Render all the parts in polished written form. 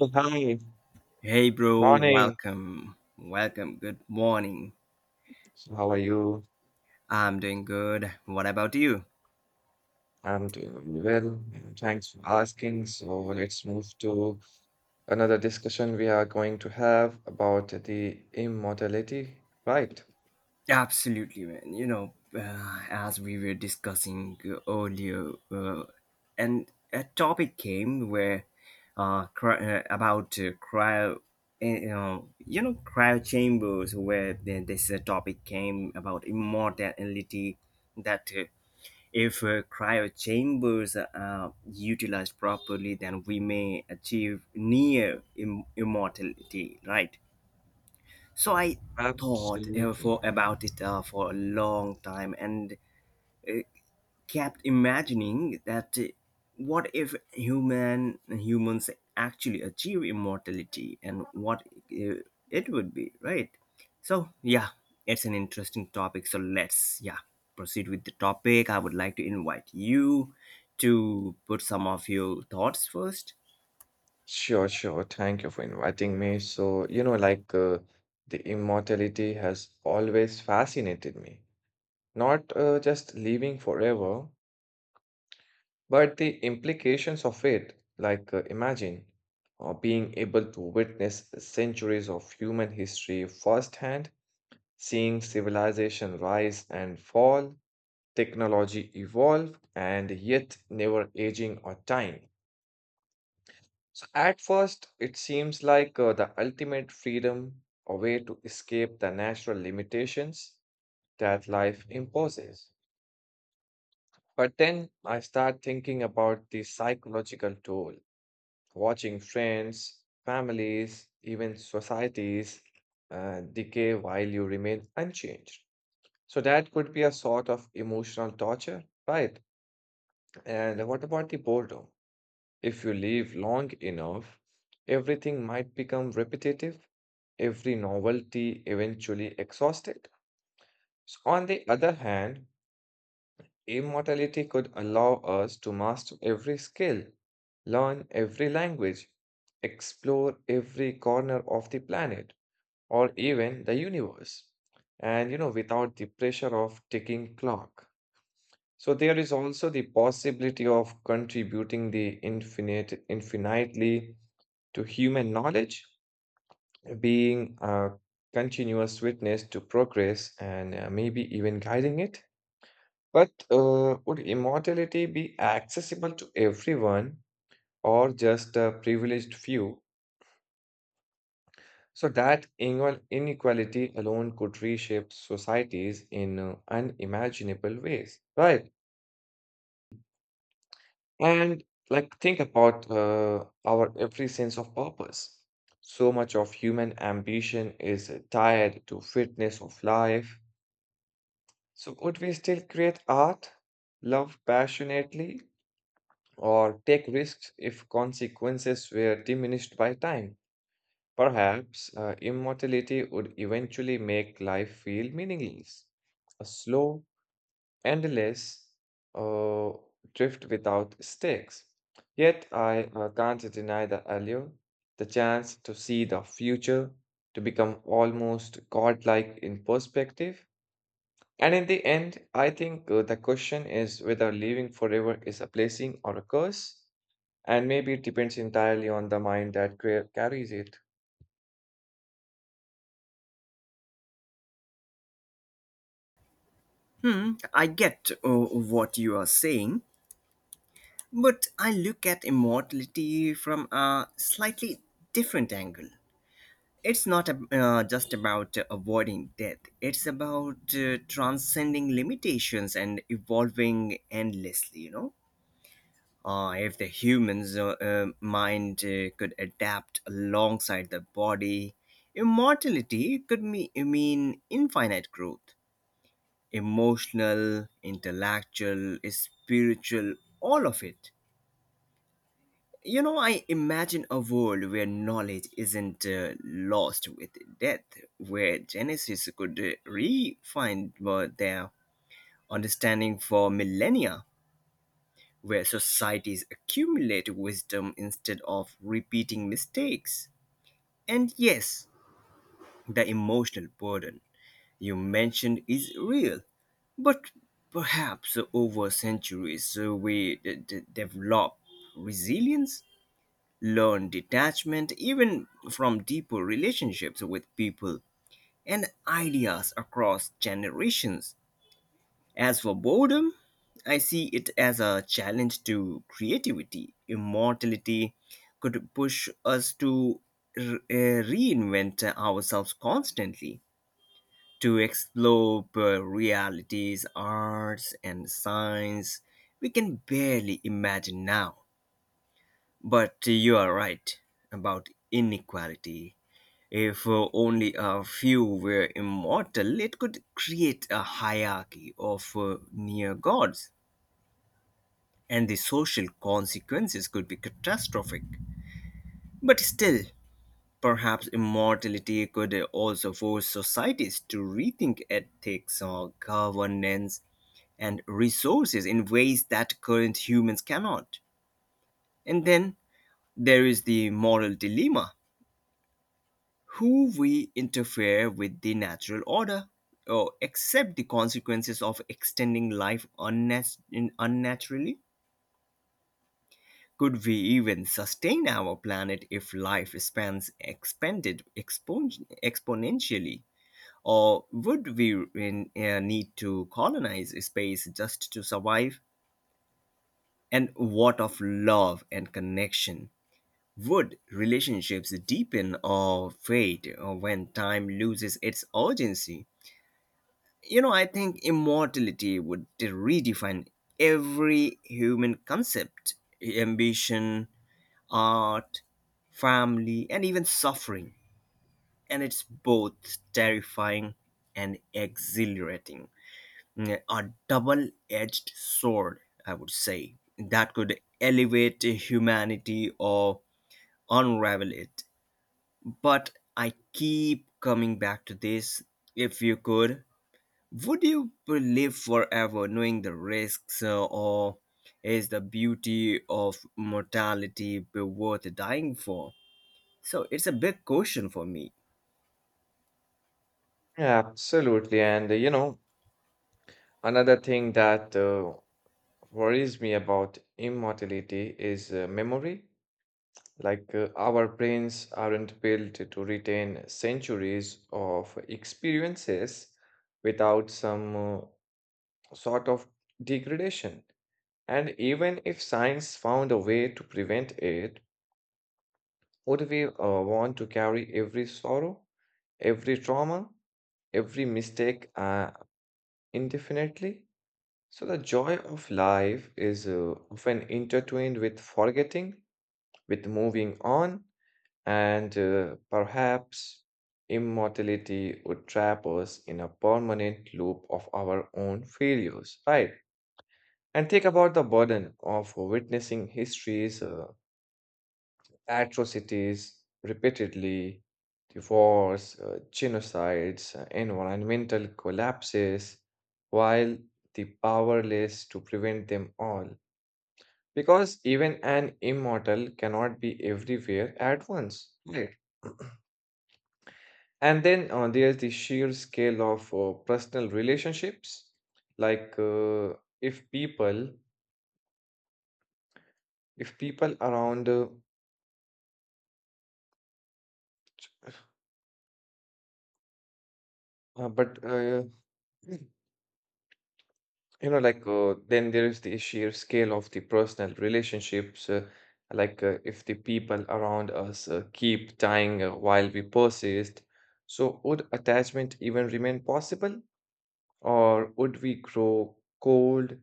Oh, hi, good Hey, bro, morning. welcome. Welcome. Good morning. So how are you? I'm doing good. What about you? I'm doing really well. And Thanks for asking. So let's move to another discussion we are going to have about the immortality, right? Absolutely, man. As we were discussing earlier, and a topic came where cry, about cryo, you know, cryo chambers, where this topic came about immortality, that If cryo chambers are utilized properly, then we may achieve near immortality, right? So I thought Absolutely. for about it for a long time, and kept imagining that what if humans actually achieve immortality and what uh, it would be, right? So, yeah, it's an interesting topic. So let's, yeah, proceed with the topic. I would like to invite you to put some of your thoughts first. Sure, sure. Thank you for inviting me. So, you know, the immortality has always fascinated me. Not just living forever, but the implications of it, like, imagine being able to witness centuries of human history firsthand, seeing civilization rise and fall, technology evolve, and yet never aging or dying. So at first, it seems like the ultimate freedom, a way to escape the natural limitations that life imposes. But then I start thinking about the psychological toll watching friends, families, even societies decay while you remain unchanged. So that could be a sort of emotional torture, right? And what about the boredom? If you live long enough, everything might become repetitive, every novelty eventually exhausted. So on the other hand, immortality could allow us to master every skill, learn every language, explore every corner of the planet or even the universe. And you know, without the pressure of ticking clock. So there is also the possibility of contributing the infinitely to human knowledge, being a continuous witness to progress and maybe even guiding it. But would immortality be accessible to everyone or just a privileged few? So that inequality alone could reshape societies in unimaginable ways, right? And like think about our every sense of purpose. So much of human ambition is tied to fitness of life. So would we still create art, love passionately, or take risks if consequences were diminished by time? Perhaps immortality would eventually make life feel meaningless, a slow, endless uh, drift without stakes. Yet I can't deny the allure, the chance to see the future, to become almost godlike in perspective. And in the end, I think the question is whether living forever is a blessing or a curse. And maybe it depends entirely on the mind that carries it. I get what you are saying, but I look at immortality from a slightly different angle. It's not just about avoiding death, it's about transcending limitations and evolving endlessly, you know? If the human's mind could adapt alongside the body, immortality could mean infinite growth, emotional, intellectual, spiritual, all of it. I imagine a world where knowledge isn't lost with death, where Genesis could refine their understanding for millennia, where societies accumulate wisdom instead of repeating mistakes. And yes, the emotional burden you mentioned is real, but perhaps over centuries we develop resilience, learn detachment even from deeper relationships with people and ideas across generations. As for boredom, I see it as a challenge to creativity. Immortality could push us to reinvent ourselves constantly, to explore realities, arts, and science we can barely imagine now. But you are right about inequality. If only a few were immortal, it could create a hierarchy of near gods, and the social consequences could be catastrophic. But still, perhaps immortality could also force societies to rethink ethics or governance and resources in ways that current humans cannot. And then there is the moral dilemma, who we interfere with the natural order or accept the consequences of extending life unnaturally? Could we even sustain our planet if life spans expanded exponentially? Or would we need to colonize space just to survive? And what of love and connection? Would relationships deepen or fade when time loses its urgency? You know, I think immortality would redefine every human concept: ambition, art, family, and even suffering. And it's both terrifying and exhilarating. A double edged sword, I would say, that could elevate humanity or unravel it. But I keep coming back to this, if you could, would you live forever knowing the risks, or is the beauty of mortality be worth dying for? So it's a big question for me. Yeah, absolutely. And you know, another thing that worries me about immortality is memory. Like, our brains aren't built to retain centuries of experiences without some sort of degradation. And even if science found a way to prevent it, would we want to carry every sorrow, every trauma, every mistake indefinitely? So, the joy of life is often intertwined with forgetting, with moving on, and perhaps immortality would trap us in a permanent loop of our own failures, right? And think about the burden of witnessing history's atrocities repeatedly, divorce, genocides, environmental collapses, while the powerless to prevent them all. Because even an immortal cannot be everywhere at once. Right. And then there's the sheer scale of personal relationships. Like if people, if people around, but You know, then there is the sheer scale of the personal relationships. If the people around us keep dying while we persist, so would attachment even remain possible? Or would we grow cold,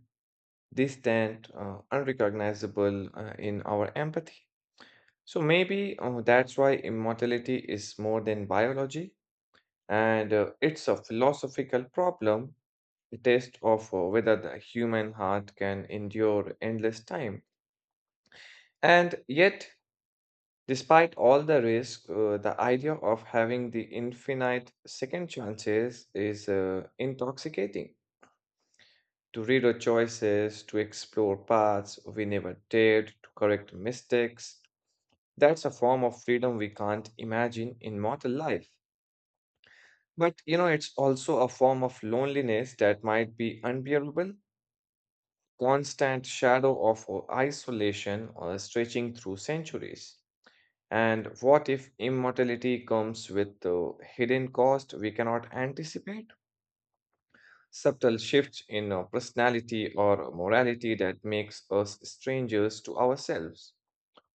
distant, unrecognizable in our empathy? So maybe that's why immortality is more than biology, and it's a philosophical problem, a test of whether the human heart can endure endless time. And yet, despite all the risk, the idea of having the infinite second chances is intoxicating. To read our choices, to explore paths we never dared, to correct mistakes, that's a form of freedom we can't imagine in mortal life. But you know, it's also a form of loneliness that might be unbearable, constant shadow of isolation stretching through centuries. And what if immortality comes with the hidden cost we cannot anticipate? Subtle shifts in personality or morality that makes us strangers to ourselves.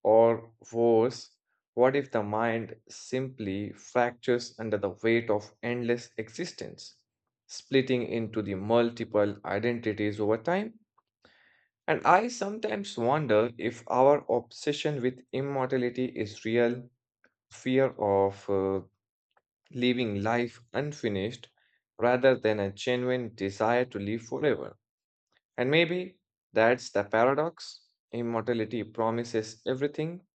Or worse, what if the mind simply fractures under the weight of endless existence, splitting into the multiple identities over time? And I sometimes wonder if our obsession with immortality is real fear of leaving life unfinished rather than a genuine desire to live forever. And maybe that's the paradox. Immortality promises everything,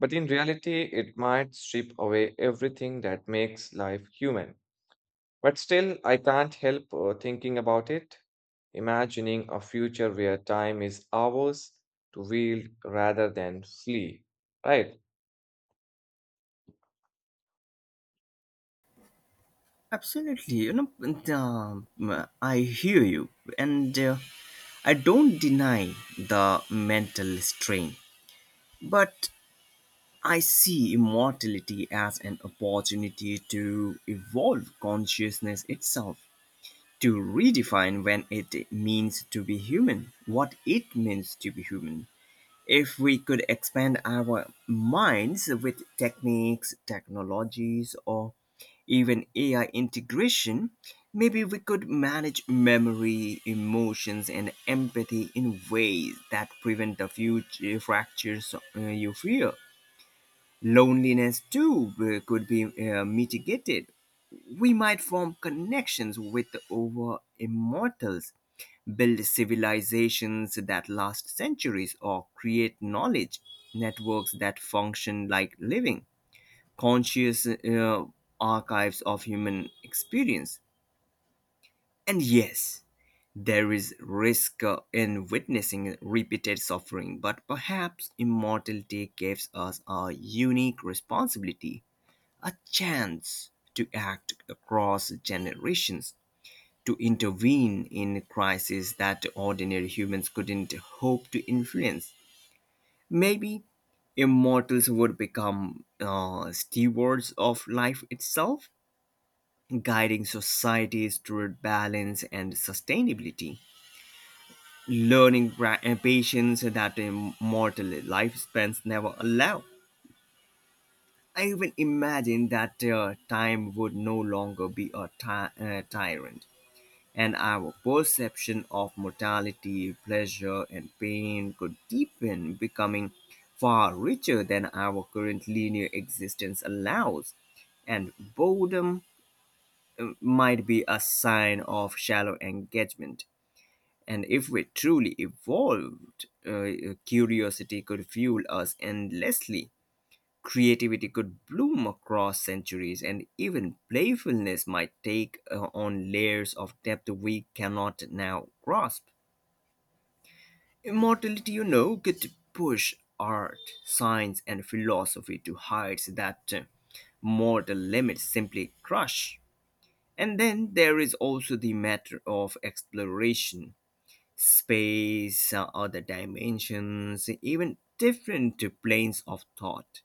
but in reality, it might strip away everything that makes life human. But still, I can't help thinking about it, imagining a future where time is ours to wield rather than flee, right? Absolutely, you know, and, I hear you, and I don't deny the mental strain, but I see immortality as an opportunity to evolve consciousness itself, to redefine when it means to be human, what it means to be human. If we could expand our minds with techniques, technologies, or even AI integration, maybe we could manage memory, emotions, and empathy in ways that prevent the future fractures you fear. Loneliness too could be mitigated. We might form connections with over immortals, build civilizations that last centuries, or create knowledge networks that function like living, conscious archives of human experience. And yes, there is risk in witnessing repeated suffering, but perhaps immortality gives us a unique responsibility, a chance to act across generations, to intervene in crises that ordinary humans couldn't hope to influence. Maybe immortals would become stewards of life itself, guiding societies toward balance and sustainability, learning and patience that immortal lifespans never allow. I even imagine that time would no longer be a tyrant, and our perception of mortality, pleasure, and pain could deepen, becoming far richer than our current linear existence allows. And boredom might be a sign of shallow engagement. And if we truly evolved, curiosity could fuel us endlessly. Creativity could bloom across centuries, and even playfulness might take on layers of depth we cannot now grasp. Immortality, you know, could push art, science, and philosophy to heights that mortal limits simply crush. And then there is also the matter of exploration, space, other dimensions, even different planes of thought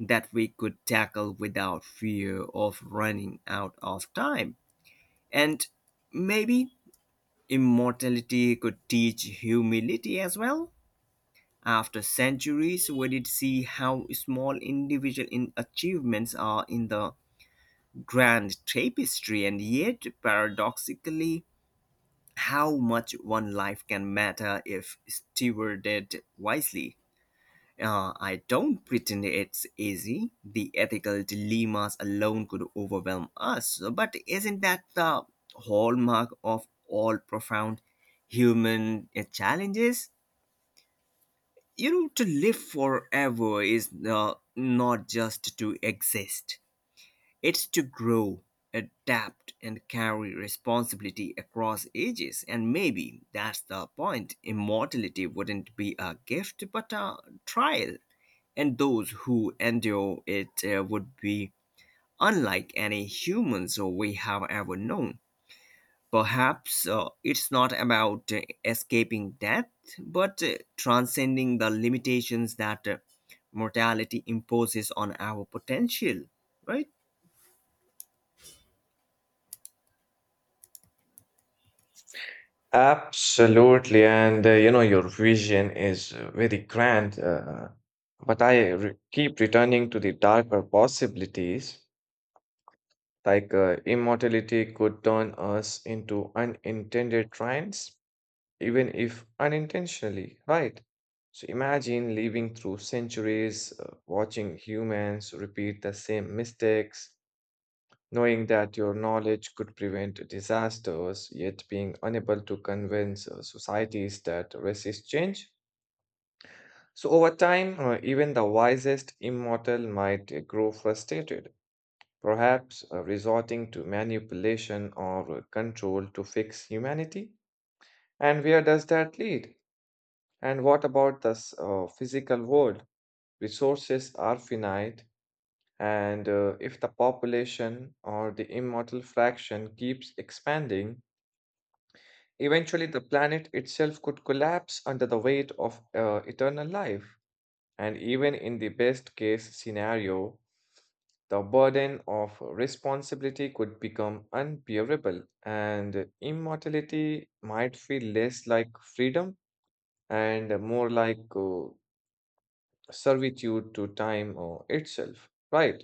that we could tackle without fear of running out of time. And maybe immortality could teach humility as well. After centuries, we did see how small individual in achievements are in the grand tapestry, and yet, paradoxically, how much one life can matter if stewarded wisely. I don't pretend it's easy. The ethical dilemmas alone could overwhelm us, but isn't that the hallmark of all profound human challenges? To live forever is not just to exist, it's to grow, adapt, and carry responsibility across ages. And maybe that's the point. Immortality wouldn't be a gift, but a trial, and those who endure it would be unlike any humans we have ever known. Perhaps it's not about escaping death, but transcending the limitations that mortality imposes on our potential, right? Absolutely. And you know, your vision is very grand, but I re keep returning to the darker possibilities, like immortality could turn us into unintended trends even if unintentionally, right? So imagine living through centuries, watching humans repeat the same mistakes, knowing that your knowledge could prevent disasters, yet being unable to convince societies that resist change. So over time, even the wisest immortal might grow frustrated, perhaps resorting to manipulation or control to fix humanity. And where does that lead? And what about the physical world? Resources are finite, and if the population or the immortal fraction keeps expanding, eventually the planet itself could collapse under the weight of eternal life. And even in the best case scenario, the burden of responsibility could become unbearable, and immortality might feel less like freedom and more like servitude to time or itself, right?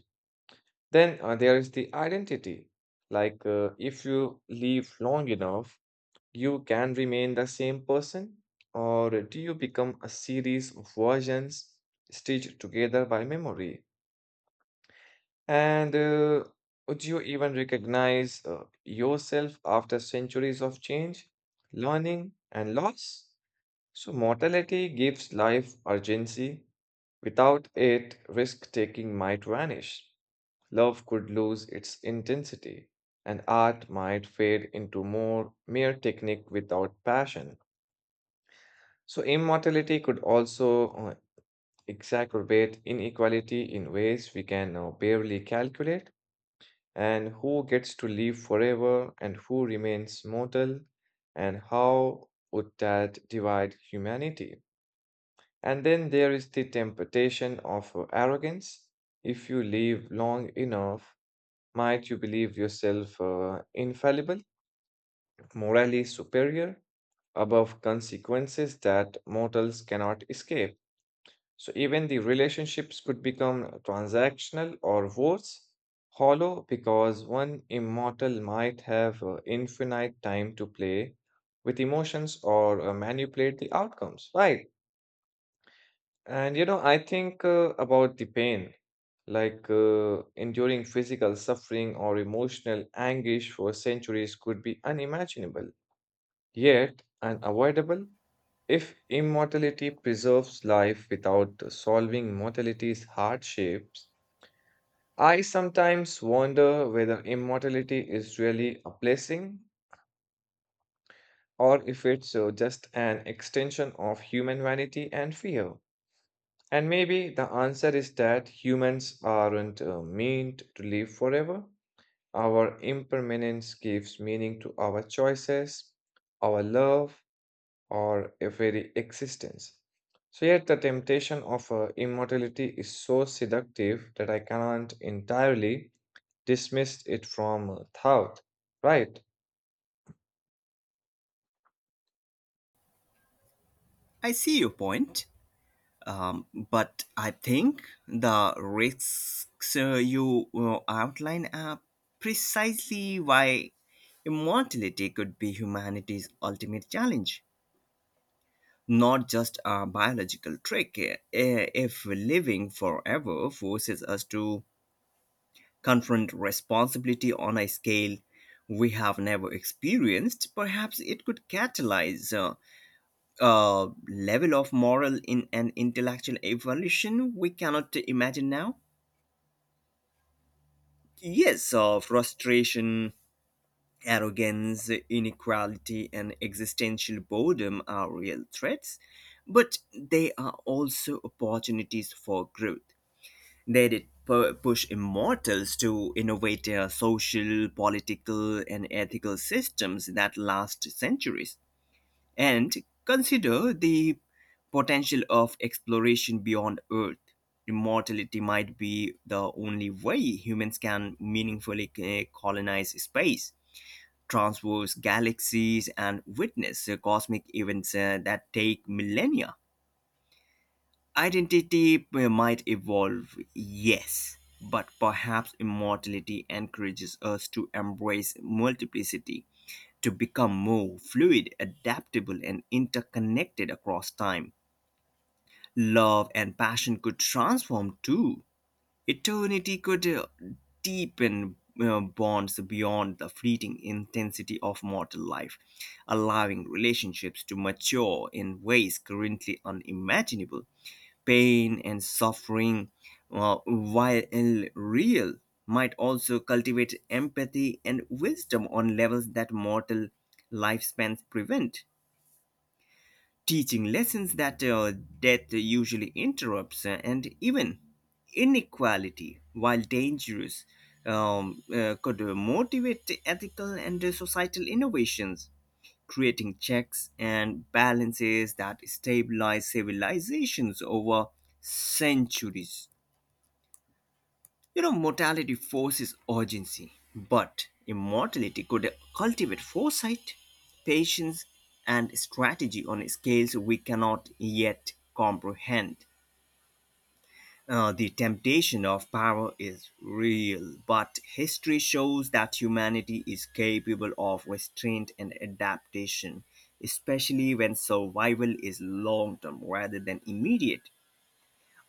Then there is the identity. Like if you live long enough, you can remain the same person, or do you become a series of versions stitched together by memory? And would you even recognize yourself after centuries of change, learning, and loss? So, mortality gives life urgency. Without it, risk taking might vanish, love could lose its intensity, and art might fade into more mere technique without passion. So, immortality could also exacerbate inequality in ways we can barely calculate, and who gets to live forever and who remains mortal, and how would that divide humanity? And then there is the temptation of arrogance. If you live long enough, might you believe yourself infallible, morally superior, above consequences that mortals cannot escape? So even the relationships could become transactional or worse, hollow because one immortal might have infinite time to play with emotions or manipulate the outcomes, right? And you know, I think about the pain, like enduring physical suffering or emotional anguish for centuries could be unimaginable, yet unavoidable if immortality preserves life without solving mortality's hardships. I sometimes wonder whether immortality is really a blessing or if it's just an extension of human vanity and fear. And maybe the answer is that humans aren't meant to live forever. Our impermanence gives meaning to our choices, our love, or a very existence. So, yet the temptation of immortality is so seductive that I cannot entirely dismiss it from thought, right? I see your point. But I think the risks you outline are precisely why immortality could be humanity's ultimate challenge, not just a biological trick. If living forever forces us to confront responsibility on a scale we have never experienced, perhaps it could catalyze. Level of moral in an intellectual evolution we cannot imagine now? Yes, frustration, arrogance, inequality, and existential boredom are real threats, but they are also opportunities for growth. They did push immortals to innovate their social, political, and ethical systems that last centuries. And consider the potential of exploration beyond Earth. Immortality might be the only way humans can meaningfully colonize space, traverse galaxies, and witness cosmic events that take millennia. Identity might evolve, yes, but perhaps immortality encourages us to embrace multiplicity, to become more fluid, adaptable, and interconnected across time. Love and passion could transform too. Eternity could deepen bonds beyond the fleeting intensity of mortal life, allowing relationships to mature in ways currently unimaginable. Pain and suffering, while real, might also cultivate empathy and wisdom on levels that mortal lifespans prevent, teaching lessons that death usually interrupts, and even inequality, while dangerous, could motivate ethical and societal innovations, creating checks and balances that stabilize civilizations over centuries. You know, mortality forces urgency, but immortality could cultivate foresight, patience, and strategy on scales we cannot yet comprehend. The temptation of power is real, but history shows that humanity is capable of restraint and adaptation, especially when survival is long term rather than immediate.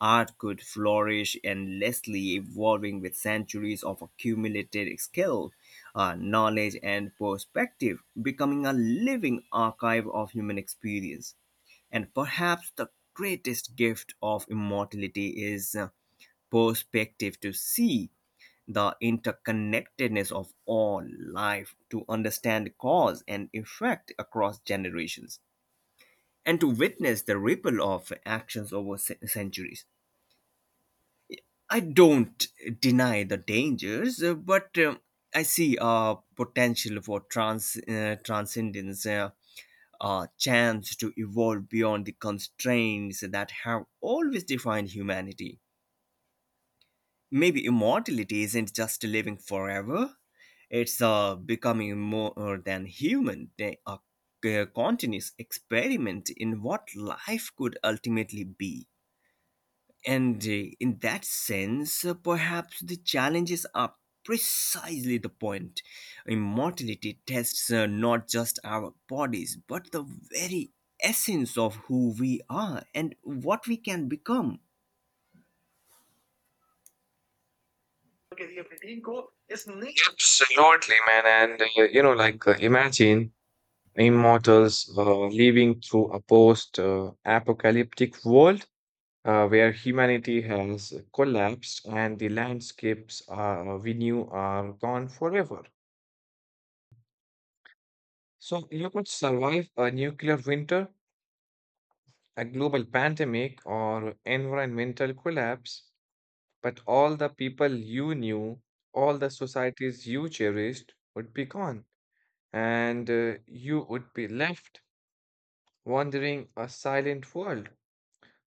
Art could flourish endlessly, evolving with centuries of accumulated skill, knowledge, and perspective, becoming a living archive of human experience. And perhaps the greatest gift of immortality is perspective to see the interconnectedness of all life, to understand cause and effect across generations, and to witness the ripple of actions over centuries. I don't deny the dangers, but I see a potential for transcendence, a chance to evolve beyond the constraints that have always defined humanity. Maybe immortality isn't just living forever, it's becoming more than human, a continuous experiment in what life could ultimately be. And in that sense, perhaps the challenges are precisely the point. Immortality tests not just our bodies, but the very essence of who we are and what we can become. Absolutely, man. And you know, like imagine immortals living through a post apocalyptic world where humanity has collapsed and the landscapes we knew are gone forever. So, you could survive a nuclear winter, a global pandemic, or environmental collapse, but all the people you knew, all the societies you cherished would be gone, and you would be left wandering a silent world.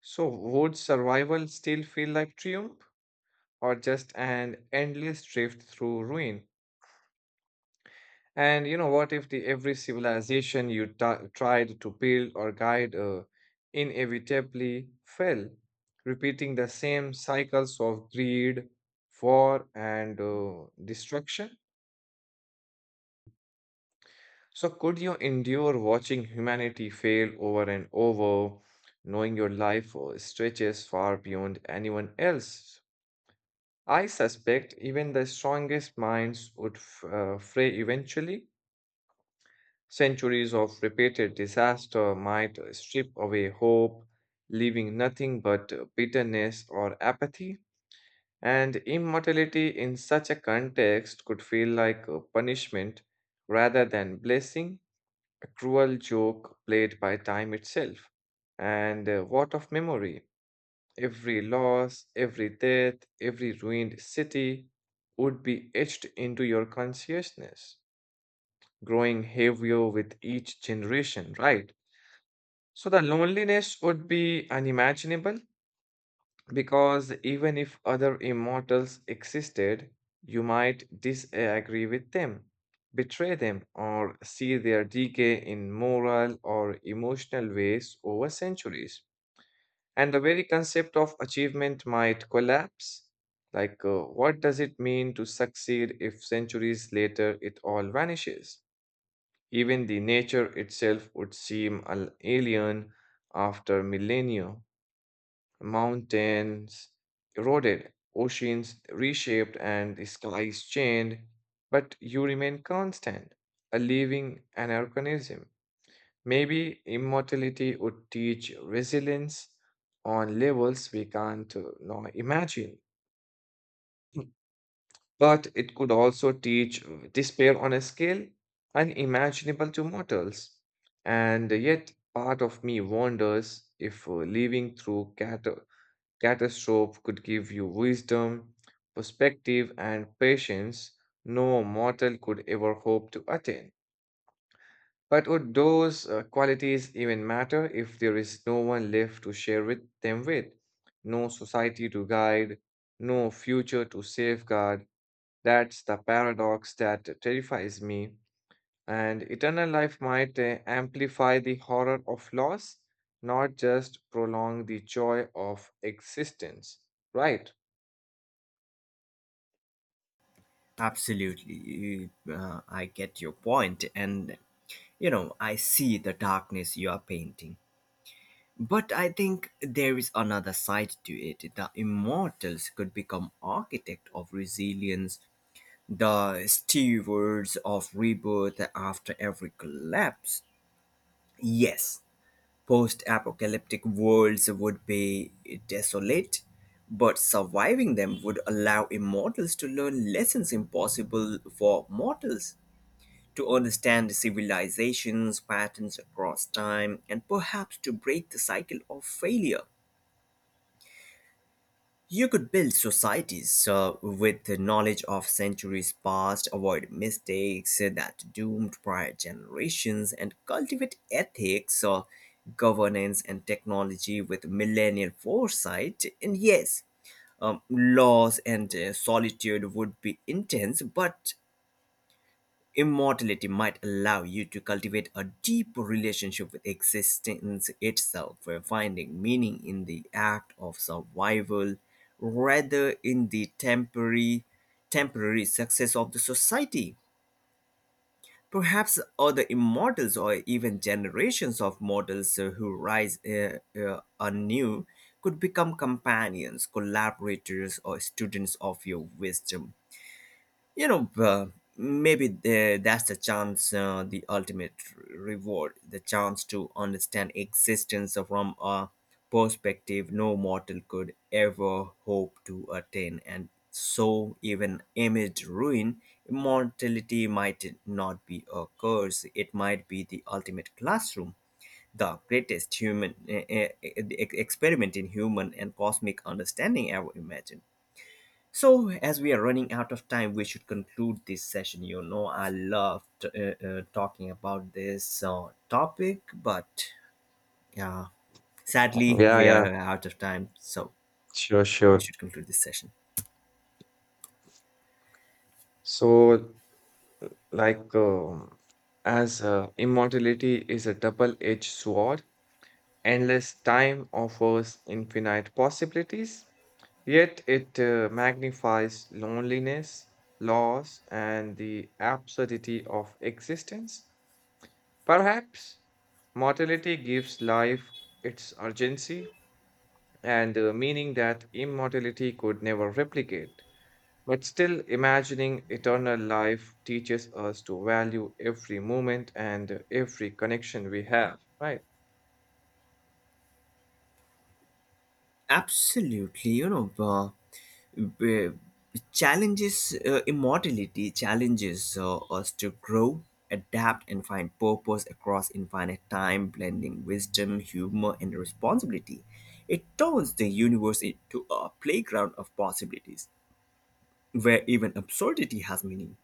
So, would survival still feel like triumph or just an endless drift through ruin? And you know, what if the every civilization you tried to build or guide inevitably fell, repeating the same cycles of greed, war, and destruction? So, could you endure watching humanity fail over and over, knowing your life stretches far beyond anyone else? I suspect even the strongest minds would fray eventually. Centuries of repeated disaster might strip away hope, leaving nothing but bitterness or apathy. And immortality in such a context could feel like a punishment rather than blessing, a cruel joke played by time itself. And what of memory? Every loss, every death, every ruined city would be etched into your consciousness, growing heavier with each generation, right? So the loneliness would be unimaginable because even if other immortals existed, you might disagree with them, betray them, or see their decay in moral or emotional ways over centuries. And the very concept of achievement might collapse. What does it mean to succeed if centuries later it all vanishes? Even the nature itself would seem alien after millennia. Mountains eroded, oceans reshaped, and the skies changed, but you remain constant, a living anachronism. Maybe immortality would teach resilience on levels we can't now imagine. But it could also teach despair on a scale unimaginable to mortals. And yet, part of me wonders if living through catastrophe could give you wisdom, perspective, and patience no mortal could ever hope to attain. But would those qualities even matter if there is no one left to share with them with? No society to guide, no future to safeguard. That's the paradox that terrifies me. And eternal life might amplify the horror of loss, not just prolong the joy of existence, right? Absolutely. I get your point, and you know, I see the darkness you are painting. But I think there is another side to it. The immortals could become architect of resilience, the stewards of rebirth after every collapse. Yes, post-apocalyptic worlds would be desolate, but surviving them would allow immortals to learn lessons impossible for mortals, to understand civilization's patterns across time, and perhaps to break the cycle of failure. You could build societies with the knowledge of centuries past, avoid mistakes that doomed prior generations, and cultivate ethics, governance, and technology with millennial foresight. And yes, loss and solitude would be intense, but immortality might allow you to cultivate a deep relationship with existence itself, where finding meaning in the act of survival rather in the temporary success of the society. Perhaps other immortals or even generations of mortals who rise anew could become companions, collaborators, or students of your wisdom. You know, maybe That's the chance, the ultimate reward, the chance to understand existence from a perspective no mortal could ever hope to attain. And so, even amid ruin, immortality might not be a curse, it might be the ultimate classroom. The greatest human experiment in human and cosmic understanding ever imagined. So, as we are running out of time, we should conclude this session. You know, I loved talking about this topic, but yeah, sadly, Yeah, we yeah, are out of time. So, sure, we sure. should conclude this session. So, like, um as immortality is a double edged sword, endless time offers infinite possibilities, yet it magnifies loneliness, loss, and the absurdity of existence. Perhaps mortality gives life its urgency and meaning that immortality could never replicate. But still, imagining eternal life teaches us to value every moment and every connection we have. Right. Absolutely, you know, uh, challenges immortality challenges us to grow, adapt, and find purpose across infinite time, blending wisdom, humor, and responsibility. It turns the universe into a playground of possibilities where even absurdity has meaning.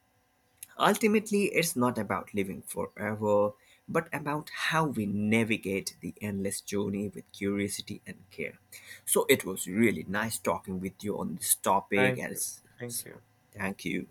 Ultimately, it's not about living forever, but about how we navigate the endless journey with curiosity and care. So it was really nice talking with you on this topic, Thank and you. it's- Thank so you. thank you.